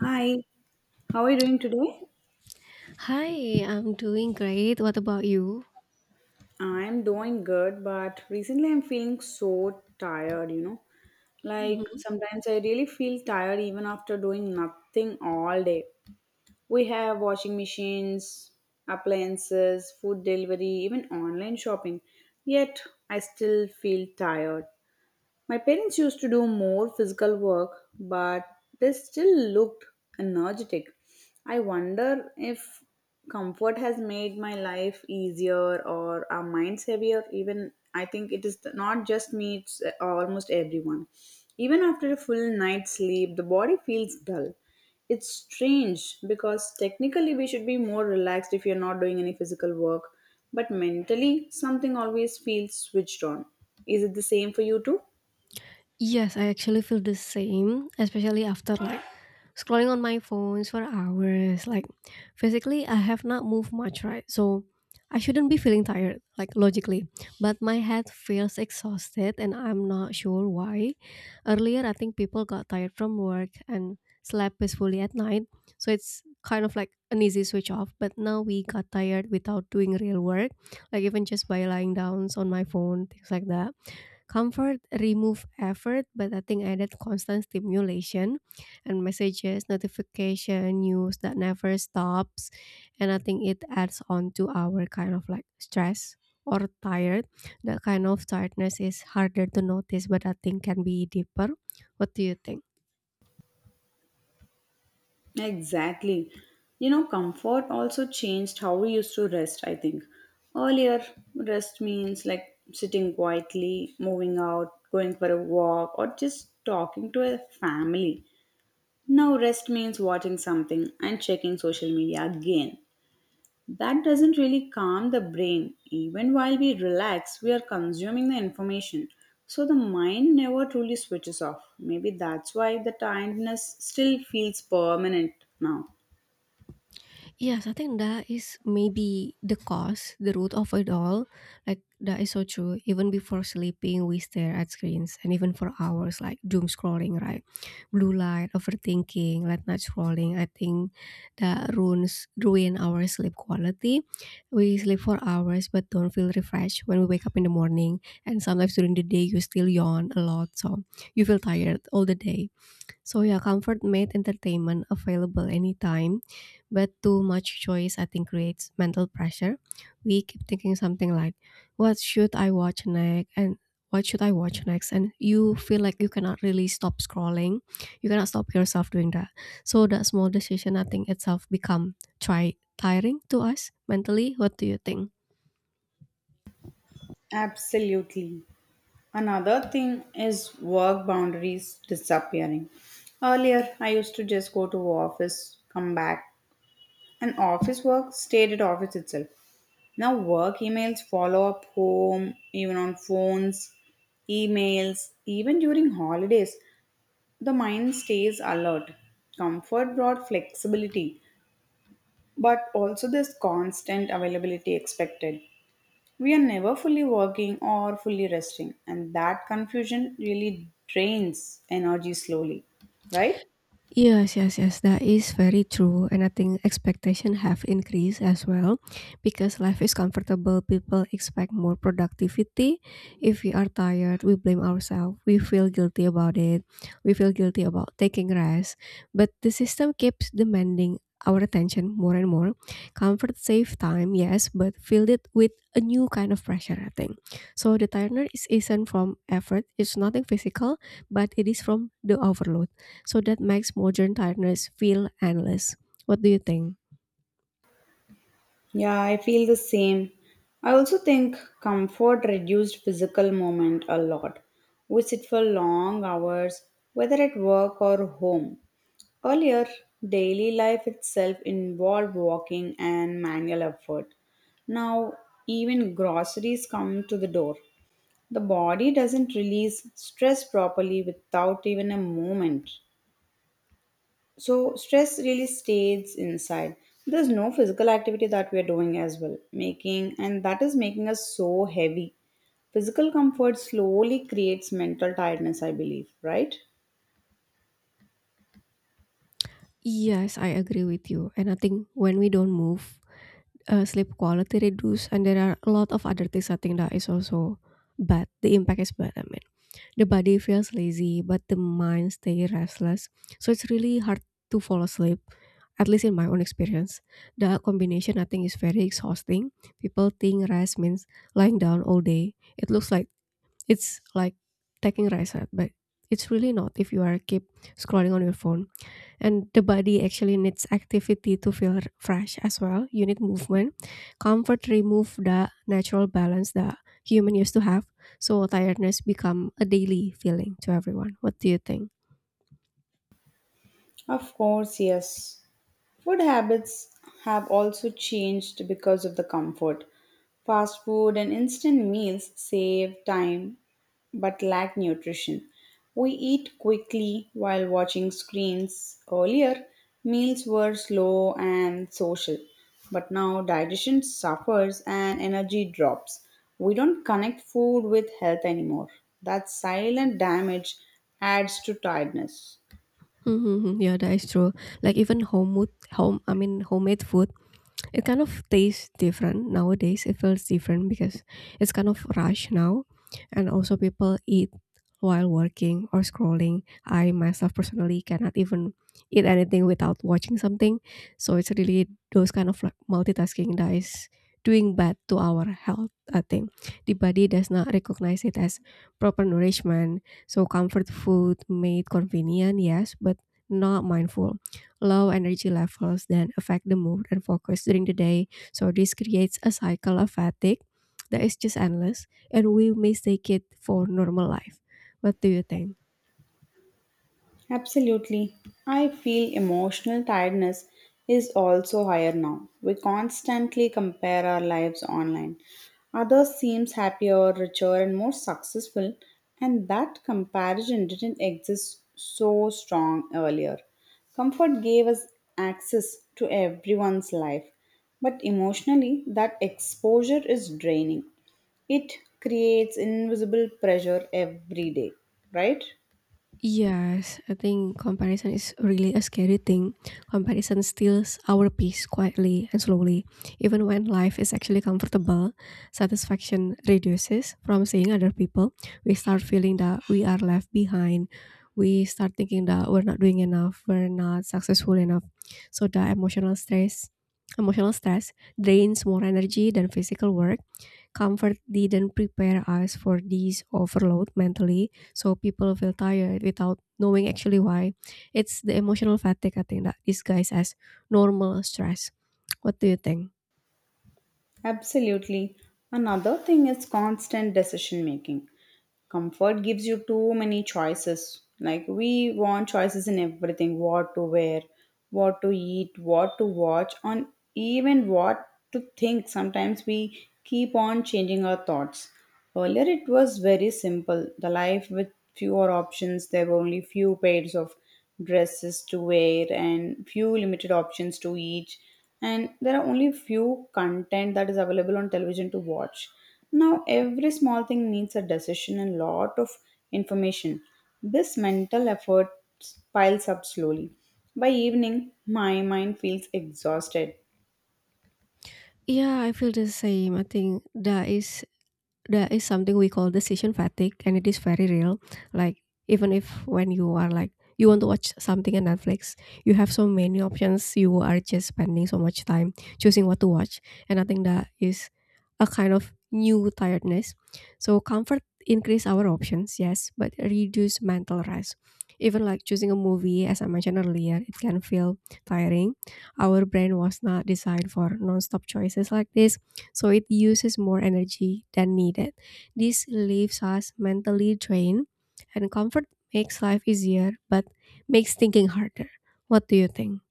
Hi, how are you doing today? Hi, I'm doing great. What about you? I'm doing good, but recently I'm feeling so tired, you know. Like sometimes I really feel tired even after doing nothing all day. We have washing machines, appliances, food delivery, even online shopping. Yet I still feel tired. My parents used to do more physical work, but they still looked energetic. I wonder if comfort has made my life easier or our minds heavier. Even I think it is not just me, it's almost everyone. Even after a full night's sleep, the body feels dull. It's strange because technically we should be more relaxed if you're not doing any physical work, but mentally something always feels switched on. Is it the same for you too? Yes, I actually feel the same, especially after like scrolling on my phones for hours. Like physically, I have not moved much, right? So I shouldn't be feeling tired, like logically. But my head feels exhausted, and I'm not sure why. Earlier, I think people got tired from work and slept peacefully at night, so it's kind of like an easy switch off. But now we got tired without doing real work, like even just by lying down on my phone, things like that. Comfort remove effort, but I think added constant stimulation and messages, notification, news that never stops. And I think it adds on to our kind of like stress or tired. That kind of tiredness is harder to notice, but I think can be deeper. What do you think? Exactly. You know, comfort also changed how we used to rest, I think. Earlier, rest means like sitting quietly, moving out, going for a walk, or just talking to a family. Now, rest means watching something and checking social media again. That doesn't really calm the brain. Even while we relax, we are consuming the information. So the mind never truly switches off. Maybe that's why the tiredness still feels permanent now. Yes, I think that is maybe the cause, the root of it all. Like that is so true. Even before sleeping, we stare at screens, and even for hours, like doom scrolling, right? Blue light, overthinking, late night scrolling. I think that ruin our sleep quality. We sleep for hours but don't feel refreshed when we wake up in the morning. And sometimes during the day, you still yawn a lot, so you feel tired all the day. So yeah, comfort made entertainment available anytime, but too much choice I think creates mental pressure. We keep thinking something like, "What should I watch next?" and "What should I watch next?" and you feel like you cannot really stop scrolling. You cannot stop yourself doing that. So that small decision I think itself become try tiring to us mentally. What do you think? Absolutely. Another thing is work boundaries disappearing. Earlier, I used to just go to office, come back, and office work stayed at office itself. Now, work emails follow up home, even on phones, emails, even during holidays. The mind stays alert. Comfort brought flexibility, but also this constant availability expected. We are never fully working or fully resting, and that confusion really drains energy slowly, right? Yes, yes, yes, that is very true. And I think expectation have increased as well because life is comfortable. People expect more productivity. If we are tired, we blame ourselves. We feel guilty about it. We feel guilty about taking rest. But the system keeps demanding our attention more and more. Comfort save time, yes, but filled it with a new kind of pressure, I think. So the isn't from effort, it's nothing physical, but it is from the overload. So that makes modern tiredness feel endless. What do you think? Yeah, I feel the same. I also think comfort reduced physical movement a lot. We sit for long hours, whether at work or home. Earlier, daily life itself involved walking and manual effort. Now, even groceries come to the door. The body doesn't release stress properly without even a movement. So, stress really stays inside. There's no physical activity that we are doing as well, making, and that is making us so heavy. Physical comfort slowly creates mental tiredness, I believe, right? Yes, I agree with you. And I think when we don't move, sleep quality reduce, and there are a lot of other things I think that is also bad. The impact is bad. I mean, the body feels lazy, but the mind stays restless. So it's really hard to fall asleep. At least in my own experience, the combination I think is very exhausting. People think rest means lying down all day. It's like taking rice, right? But it's really not if you are keep scrolling on your phone. And the body actually needs activity to feel fresh as well. You need movement. Comfort remove the natural balance that human used to have. So tiredness become a daily feeling to everyone. What do you think? Of course, yes. Food habits have also changed because of the comfort. Fast food and instant meals save time but lack nutrition. We eat quickly while watching screens. Earlier, meals were slow and social, but now digestion suffers and energy drops. We don't connect food with health anymore. That silent damage adds to tiredness. Mhm, yeah, that is true. Like even homemade home I mean homemade food, it kind of tastes different nowadays. It feels different because it's kind of rush now, and also people eat while working or scrolling. I myself personally cannot even eat anything without watching something. So it's really those kind of like multitasking that is doing bad to our health, I think. The body does not recognize it as proper nourishment. So comfort food made convenient, yes, but not mindful. Low energy levels then affect the mood and focus during the day. So this creates a cycle of fatigue that is just endless and we mistake it for normal life. What do you think? Absolutely. I feel emotional tiredness is also higher now. We constantly compare our lives online. Others seems happier, richer and more successful, and that comparison didn't exist so strong earlier. Comfort gave us access to everyone's life, but emotionally that exposure is draining. It creates invisible pressure every day, right? Yes, I think comparison is really a scary thing. Comparison steals our peace quietly and slowly. Even when life is actually comfortable, satisfaction reduces from seeing other people. We start feeling that we are left behind. We start thinking that we're not doing enough, we're not successful enough. So the emotional stress drains more energy than physical work. Comfort didn't prepare us for this overload mentally, so people feel tired without knowing actually why. It's the emotional fatigue, I think, that disguised as normal stress. What do you think? Absolutely. Another thing is constant decision making. Comfort gives you too many choices. Like, we want choices in everything: what to wear, what to eat, what to watch, and even what to think. Sometimes we keep on changing our thoughts. Earlier, it was very simple. The life with fewer options, there were only few pairs of dresses to wear and few limited options to eat, and there are only few content that is available on television to watch. Now, every small thing needs a decision and lot of information. This mental effort piles up slowly. By evening, my mind feels exhausted. Yeah, I feel the same. I think that is there is something we call decision fatigue and it is very real, like even if when you are like you want to watch something on Netflix, you have so many options, you are just spending so much time choosing what to watch, and I think that is a kind of new tiredness. So comfort increase our options, yes, but reduce mental rest. Even like choosing a movie as I mentioned earlier, it can feel tiring. Our brain was not designed for non-stop choices like this, so it uses more energy than needed. This leaves us mentally drained, and comfort makes life easier but makes thinking harder. What do you think?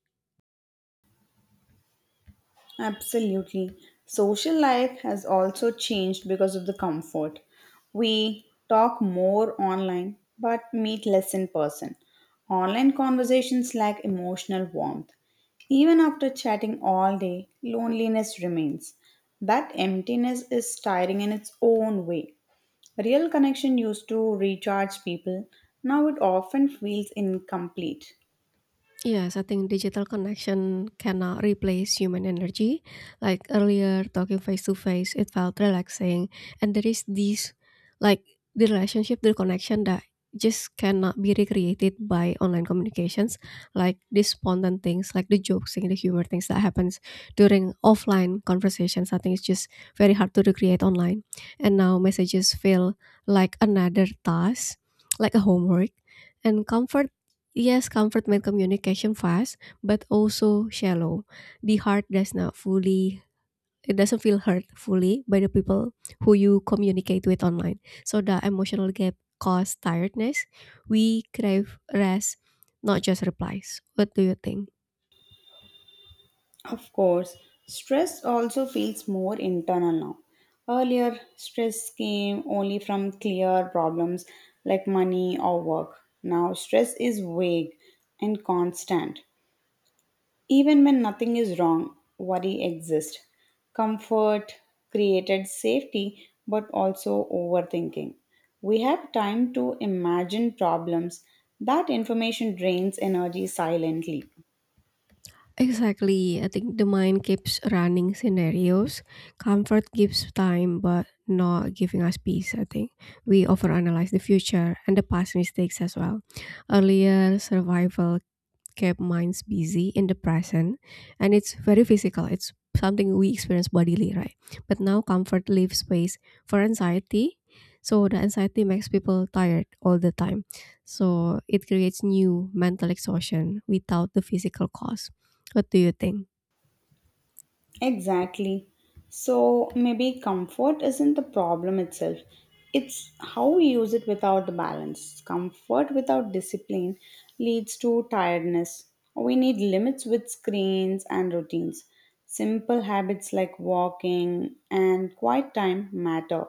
Absolutely. Social life has also changed because of the comfort. We talk more online but meet less in person. Online conversations lack emotional warmth. Even after chatting all day, loneliness remains. That emptiness is tiring in its own way. Real connection used to recharge people. Now it often feels incomplete. Yes, I think digital connection cannot replace human energy. Like earlier, talking face to face, it felt relaxing. And there is this, like, the relationship, the connection that just cannot be recreated by online communications. Like the spontaneous things, like the jokes and the humor things that happens during offline conversations. I think it's just very hard to recreate online. And now messages feel like another task, like a homework. And comfort Yes, comfort made communication fast, but also shallow. The heart does not fully it doesn't feel hurt fully by the people who you communicate with online. So the emotional gap causes tiredness. We crave rest, not just replies. What do you think? Of course, stress also feels more internal now. Earlier, stress came only from clear problems like money or work. Now, stress is vague and constant. Even when nothing is wrong, worry exists. Comfort created safety but also overthinking. We have time to imagine problems. That information drains energy silently. Exactly. I think the mind keeps running scenarios. Comfort gives time, but not giving us peace. I think we overanalyze the future and the past mistakes as well. Earlier survival kept minds busy in the present, and it's very physical, it's something we experience bodily, right? But now comfort leaves space for anxiety, so the anxiety makes people tired all the time. So it creates new mental exhaustion without the physical cause. What do you think? Exactly. So maybe comfort isn't the problem itself. It's how we use it without the balance. Comfort without discipline leads to tiredness. We need limits with screens and routines. Simple habits like walking and quiet time matter.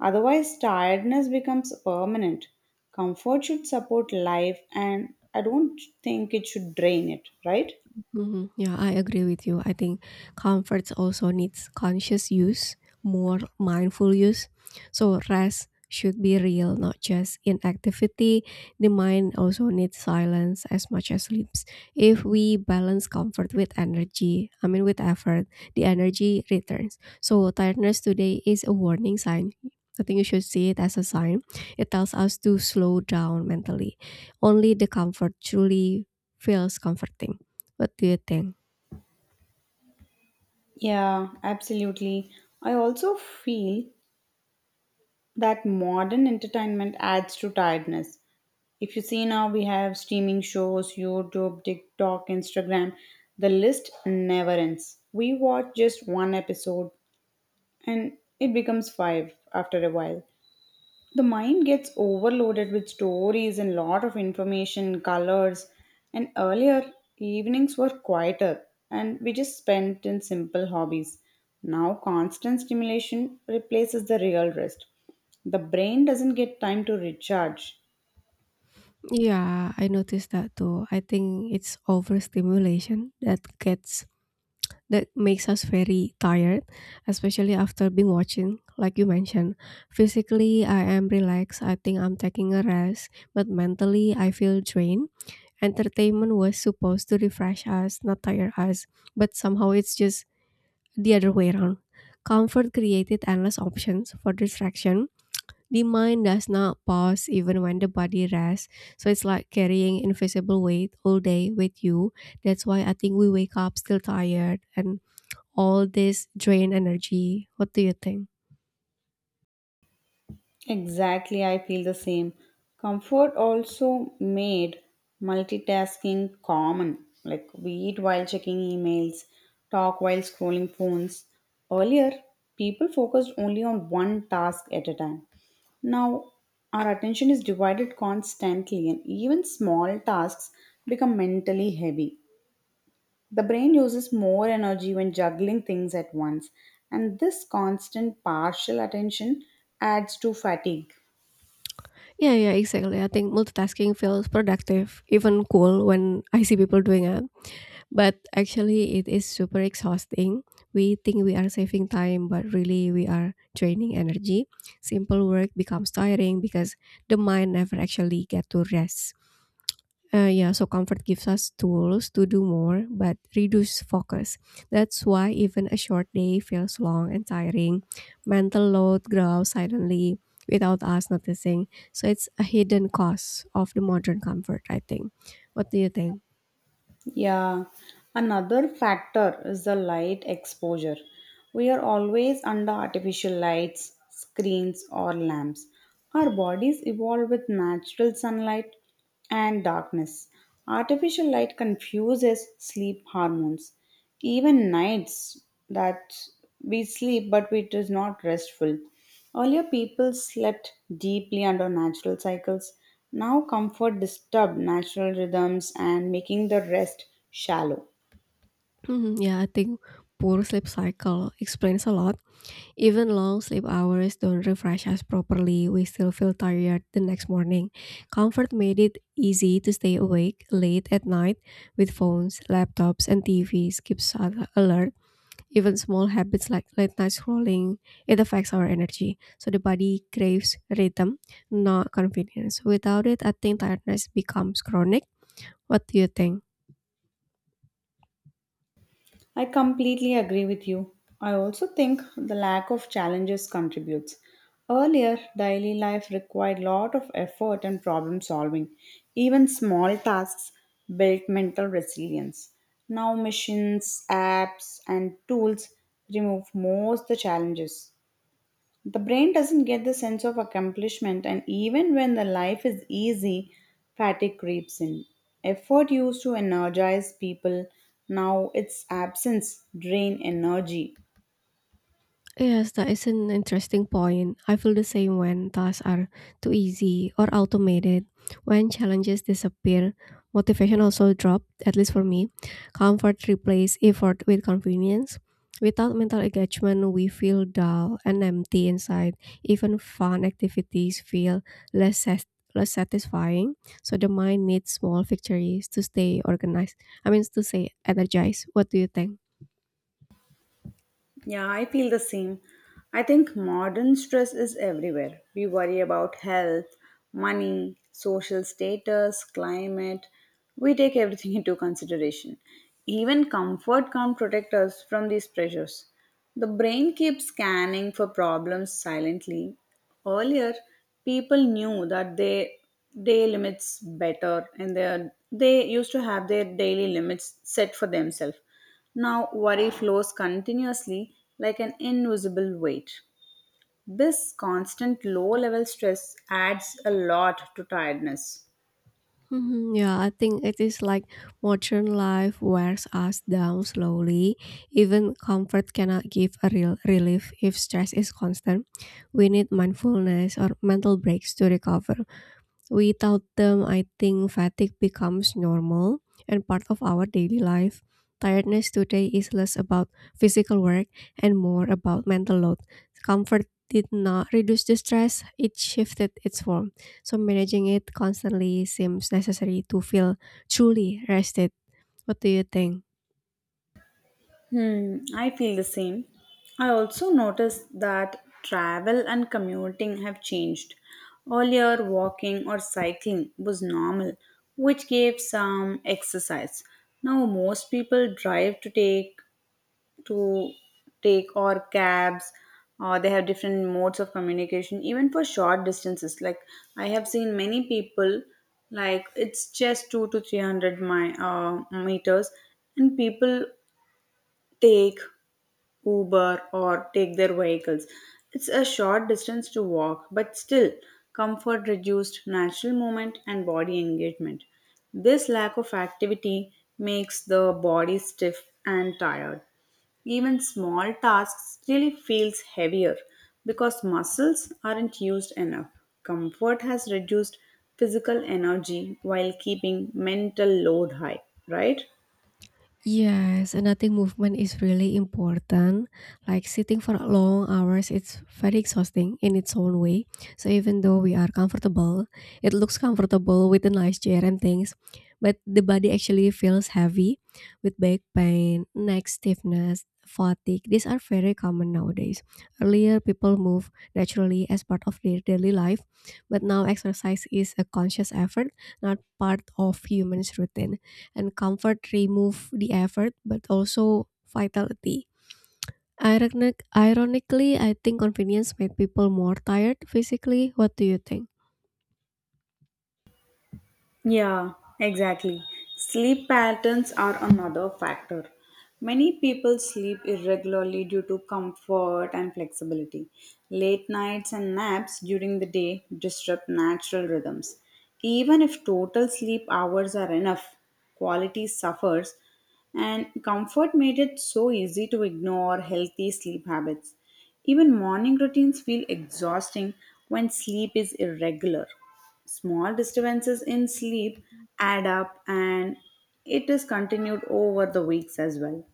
Otherwise, tiredness becomes permanent. Comfort should support life, and I don't think it should drain it, right? Mhm. Yeah, I agree with you. I think comforts also needs conscious use, more mindful use. So rest should be real, not just inactivity. The mind also needs silence as much as sleeps. If we balance comfort with energy, I mean with effort, the energy returns. So tiredness today is a warning sign. I think you should see it as a sign. It tells us to slow down mentally. Only the comfort truly feels comforting. What do you think? Yeah, absolutely. I also feel that modern entertainment adds to tiredness. If you see now, we have streaming shows, YouTube, TikTok, Instagram. The list never ends. We watch just one episode and it becomes five after a while. The mind gets overloaded with stories and lot of information colors, and earlier evenings were quieter and we just spent in simple hobbies. Now constant stimulation replaces the real rest. The brain doesn't get time to recharge. Yeah, I noticed that too. I think it's overstimulation that gets that makes us very tired, especially after being watching, like you mentioned. Physically, I am relaxed, I think I'm taking a rest, but mentally, I feel drained. Entertainment was supposed to refresh us, not tire us, but somehow it's just the other way around. Comfort created endless options for distraction. The mind does not pause even when the body rests, so it's like carrying invisible weight all day with you. That's why I think we wake up still tired and all this drain energy. What do you think? Exactly, I feel the same. Comfort also made multitasking common. Like we eat while checking emails, talk while scrolling phones. Earlier, people focused only on one task at a time. Now, our attention is divided constantly, and even small tasks become mentally heavy. The brain uses more energy when juggling things at once, and this constant partial attention adds to fatigue. Yeah, yeah, exactly. I think multitasking feels productive, even cool when I see people doing it. But actually, it is super exhausting. We think we are saving time, but really we are draining energy. Simple work becomes tiring because the mind never actually get to rest. Yeah, so comfort gives us tools to do more but reduce focus. That's why even a short day feels long and tiring. Mental load grows silently without us noticing. So it's a hidden cost of the modern comfort, I think. What do you think? Yeah, another factor is the light exposure. We are always under artificial lights, screens, or lamps. Our bodies evolve with natural sunlight and darkness. Artificial light confuses sleep hormones even nights that we sleep but it is not restful. Earlier people slept deeply under natural cycles. Now comfort disturbed natural rhythms and making the rest shallow. Mhm, yeah, I think poor sleep cycle explains a lot. Even long sleep hours don't refresh us properly, we still feel tired the next morning. Comfort made it easy to stay awake late at night with phones, laptops, and TVs keeps us alert. Even small habits like late night scrolling, it affects our energy. So the body craves rhythm, not convenience. Without it, I think tiredness becomes chronic. What do you think? I completely agree with you. I also think the lack of challenges contributes. Earlier, daily life required lot of effort and problem solving. Even small tasks built mental resilience. Now machines, apps and tools remove most the challenges. The brain doesn't get the sense of accomplishment, and even when the life is easy, fatigue creeps in. Effort used to energize people, now its absence drain energy. Yes, that is an interesting point. I feel the same when tasks are too easy or automated. When challenges disappear, motivation also drops, at least for me. Comfort replaces effort with convenience. Without mental engagement, we feel dull and empty inside. Even fun activities feel less, sat- less satisfying. So the mind needs small victories to stay organized. I mean, to stay energized. What do you think? Yeah, I feel the same. I think modern stress is everywhere. We worry about health, money, social status, climate. We take everything into consideration. Even comfort can't protect us from these pressures. The brain keeps scanning for problems silently. Earlier, people knew that they day limits better and they used to have their daily limits set for themselves. Now, worry flows continuously like an invisible weight. This constant low level stress adds a lot to tiredness. Mhm, yeah, I think it is like modern life wears us down slowly. Even comfort cannot give a real relief if stress is constant. We need mindfulness or mental breaks to recover. Without them, I think fatigue becomes normal and part of our daily life. Tiredness today is less about physical work and more about mental load. Comfort did not reduce the stress, it shifted its form. So, managing it constantly seems necessary to feel truly rested. What do you think? Hmm, I feel the same. I also noticed that travel and commuting have changed. Earlier, walking or cycling was normal, which gave some exercise. Now, most people drive to take or cabs, or they have different modes of communication, even for short distances. Like I have seen many people, like it's just two to three hundred my meters, and people take Uber or take their vehicles. It's a short distance to walk, but still, comfort reduced natural movement and body engagement. This lack of activity makes the body stiff and tired. Even small tasks really feels heavier because muscles aren't used enough. Comfort has reduced physical energy while keeping mental load high, right? Yes, and I think movement is really important. Like sitting for long hours, it's very exhausting in its own way. So even though we are comfortable, it looks comfortable with a nice chair and things, but the body actually feels heavy with back pain, neck stiffness, fatigue. These are very common nowadays. Earlier, people move naturally as part of their daily life, but now exercise is a conscious effort, not part of humans' routine and comfort remove the effort but also vitality. Ironically, I think convenience made people more tired physically. What do you think? Yeah, exactly. Sleep patterns are another factor. Many people sleep irregularly due to comfort and flexibility. Late nights and naps during the day disrupt natural rhythms. Even if total sleep hours are enough, quality suffers, and comfort made it so easy to ignore healthy sleep habits. Even morning routines feel exhausting when sleep is irregular. Small disturbances in sleep add up and it is continued over the weeks as well.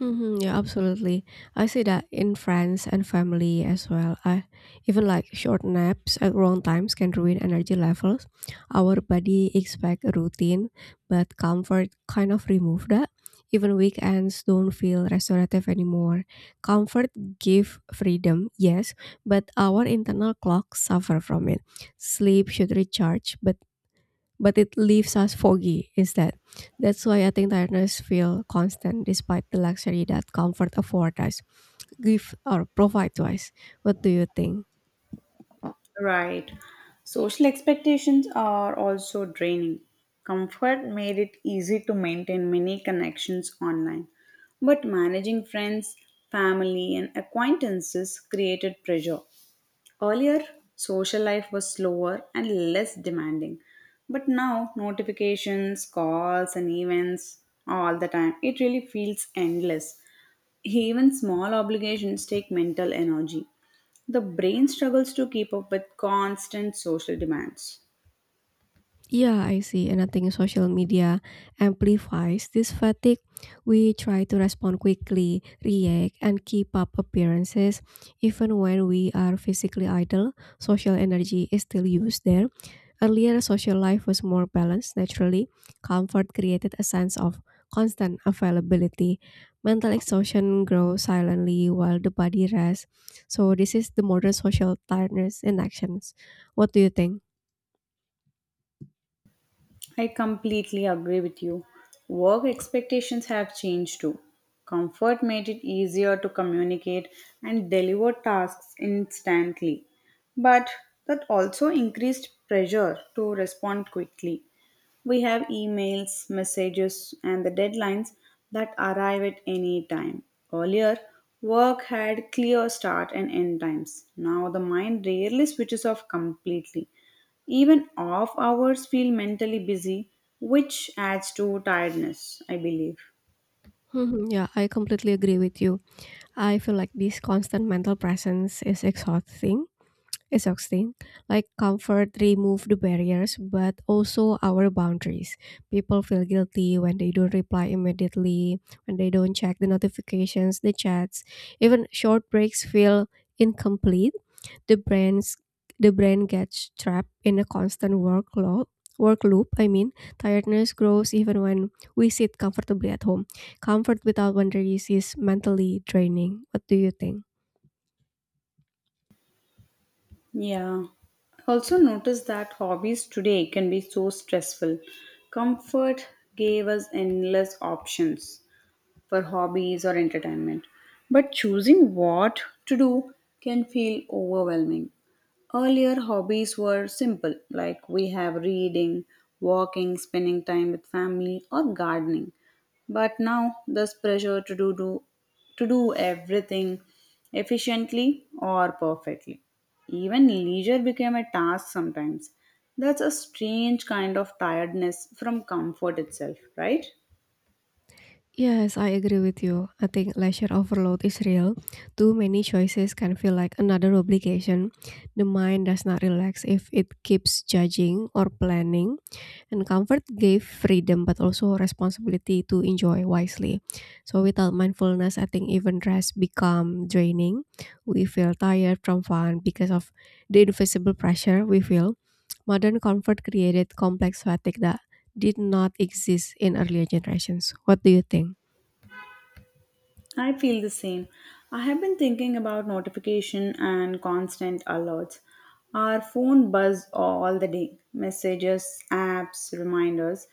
Mhm, yeah, absolutely. I see that in friends and family as well. I even like short naps at wrong times can ruin energy levels. Our body expect a routine, but comfort kind of remove that. Even weekends don't feel restorative anymore. Comfort give freedom, yes, but our internal clock suffer from it. Sleep should recharge, but it leaves us foggy instead. That's why I think tiredness feel constant despite the luxury that comfort afford us, give or provide to us. What do you think? Right. Social expectations are also draining. Comfort made it easy to maintain many connections online, but managing friends, family, and acquaintances created pressure. Earlier, social life was slower and less demanding. But now, notifications, calls, and events all the time. It really feels endless. Even small obligations take mental energy. The brain struggles to keep up with constant social demands. Yeah, I see. And I think social media amplifies this fatigue. We try to respond quickly, react, and keep up appearances. Even when we are physically idle, social energy is still used there. Earlier, social life was more balanced naturally. Comfort created a sense of constant availability. Mental exhaustion grows silently while the body rests. So, this is the modern social tiredness in actions. What do you think? I completely agree with you. Work expectations have changed too. Comfort made it easier to communicate and deliver tasks instantly. But that also increased pressure to respond quickly. We have emails, messages, and the deadlines that arrive at any time. Earlier, work had clear start and end times. Now the mind rarely switches off completely. Even off hours feel mentally busy, which adds to tiredness, I believe. Mhm, yeah, I completely agree with you. I feel like this constant mental presence is exhausting. Exhausting. Like comfort remove the barriers, but also our boundaries. People feel guilty when they don't reply immediately, when they don't check the notifications, the chats. Even short breaks feel incomplete, the brain's the brain gets trapped in a constant work loop, I mean tiredness grows even when we sit comfortably at home. Comfort without boundaries is mentally draining. What do you think? Yeah. Also notice that hobbies today can be so stressful. Comfort gave us endless options for hobbies or entertainment, but choosing what to do can feel overwhelming. Earlier hobbies were simple, like we have reading, walking, spending time with family, or gardening. But now this pressure to do, do to do everything efficiently or perfectly. Even leisure became a task sometimes. That's a strange kind of tiredness from comfort itself, right? Yes, I agree with you. I think leisure overload is real. Too many choices can feel like another obligation. The mind does not relax if it keeps judging or planning. And comfort gave freedom, but also responsibility to enjoy wisely. So without mindfulness, I think even rest become draining. We feel tired from fun because of the invisible pressure we feel. Modern comfort created complex fatigue that did not exist in earlier generations. What do you think? I feel the same. I have been thinking about notification and constant alerts. Our phone buzz all the day. Messages, apps, reminders.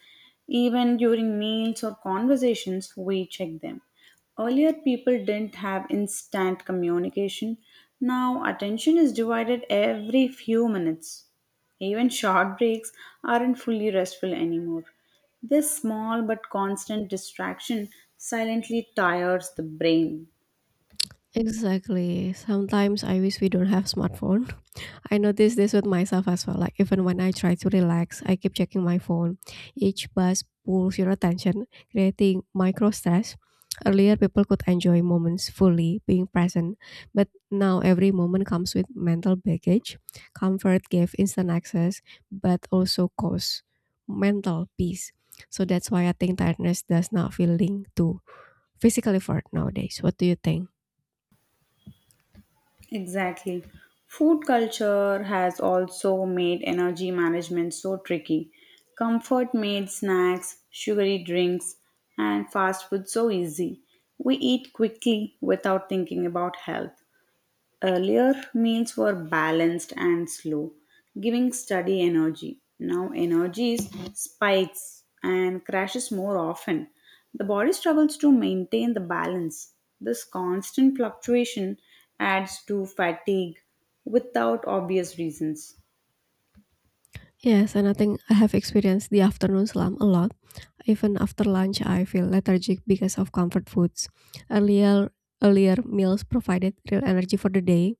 Even during meals or conversations, we check them. Earlier, people didn't have instant communication. Now, attention is divided every few minutes. Even short breaks aren't fully restful anymore. This small but constant distraction silently tires the brain. Exactly. Sometimes I wish we don't have smartphone. I notice this with myself as well. Like even when I try to relax, I keep checking my phone. Each buzz pulls your attention, creating micro stress. Earlier, people could enjoy moments fully, being present, but now every moment comes with mental baggage. Comfort gave instant access, but also cause mental peace. So that's why I think tiredness does not feel linked to physical effort nowadays. What do you think? Exactly. Food culture has also made energy management so tricky. Comfort made snacks, sugary drinks, and fast food so easy. We eat quickly without thinking about health. Earlier, meals were balanced and slow, giving steady energy. Now, energy is spikes and crashes more often. The body struggles to maintain the balance. This constant fluctuation adds to fatigue without obvious reasons. Yes, and I think I have experienced the afternoon slump a lot. Even after lunch, I feel lethargic because of comfort foods. Earlier, earlier, meals provided real energy for the day.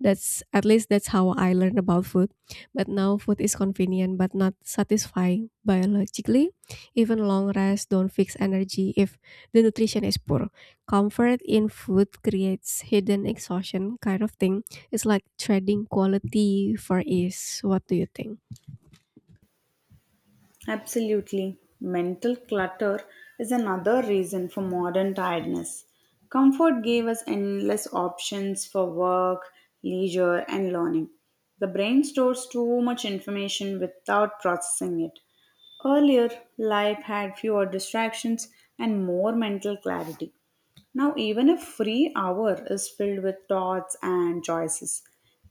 That's, at least that's how I learned about food. But now food is convenient but not satisfying biologically. Even long rests don't fix energy if the nutrition is poor. Comfort in food creates hidden exhaustion kind of thing. It's like trading quality for ease. What do you think? Absolutely. Mental clutter is another reason for modern tiredness. Comfort gave us endless options for work, leisure, and learning. The brain stores too much information without processing it. Earlier, life had fewer distractions and more mental clarity. Now, even a free hour is filled with thoughts and choices,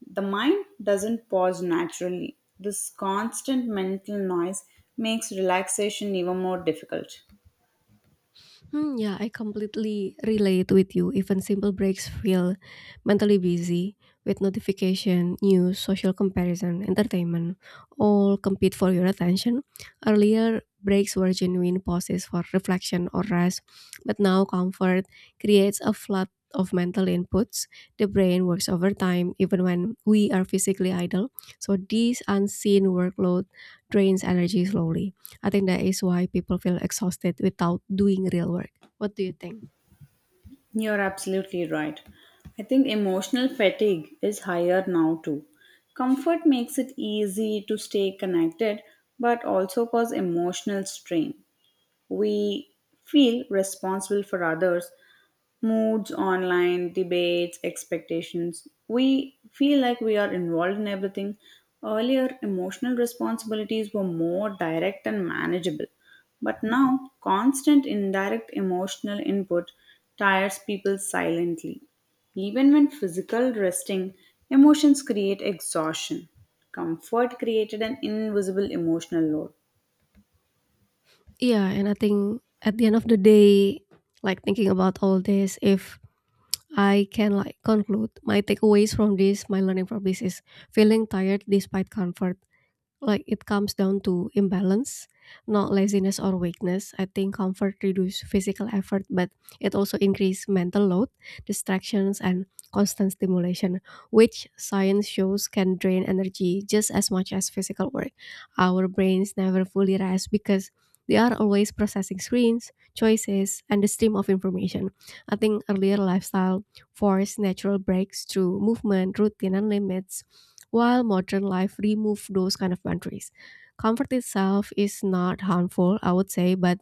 the mind doesn't pause naturally. This constant mental noise makes relaxation even more difficult. Hmm, yeah, I completely relate with you. Even simple breaks feel mentally busy with notification, news, social comparison, entertainment, all compete for your attention. Earlier, breaks were genuine pauses for reflection or rest, but now comfort creates a flood of mental inputs. The brain works overtime even when we are physically idle, so this unseen workload drains energy slowly. I think that is why people feel exhausted without doing real work. What do you think? You're absolutely right. I think emotional fatigue is higher now too. Comfort makes it easy to stay connected but also cause emotional strain. We feel responsible for others moods, online debates, expectations. We feel like we are involved in everything. Earlier, emotional responsibilities were more direct and manageable, but now constant indirect emotional input tires people silently. Even when physical resting, emotions create exhaustion. Comfort created an invisible emotional load. Yeah, and I think at the end of the day, like thinking about all this, if I can like conclude my takeaways from this, my learning from this is feeling tired despite comfort, like it comes down to imbalance, not laziness or weakness. I think comfort reduces physical effort but it also increases mental load, distractions and constant stimulation, which science shows can drain energy just as much as physical work. Our brains never fully rest because they are always processing screens, choices and the stream of information. I think earlier lifestyle forced natural breaks through movement routine and limits, while modern life removes those kind of boundaries. Comfort itself is not harmful, I would say, but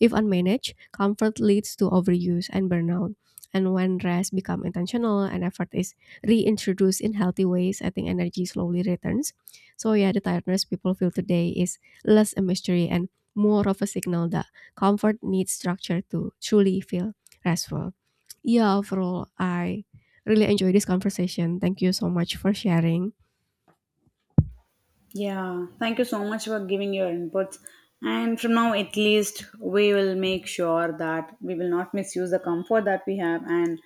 if unmanaged, comfort leads to overuse and burnout. And when rest becomes intentional and effort is reintroduced in healthy ways, I think energy slowly returns. So yeah, the tiredness people feel today is less a mystery and more of a signal that comfort needs structure to truly feel restful. Yeah, overall, I really enjoy this conversation. Thank you so much for sharing. Yeah, thank you so much for giving your inputs. And from now, at least, we will make sure that we will not misuse the comfort that we have and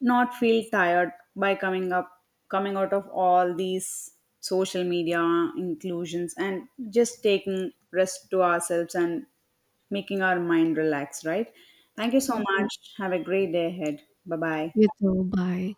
not feel tired by coming out of all these social media inclusions and just taking rest to ourselves and making our mind relax, right? Thank you so Mhm, much. Have a great day ahead. Bye bye. gitu, bye.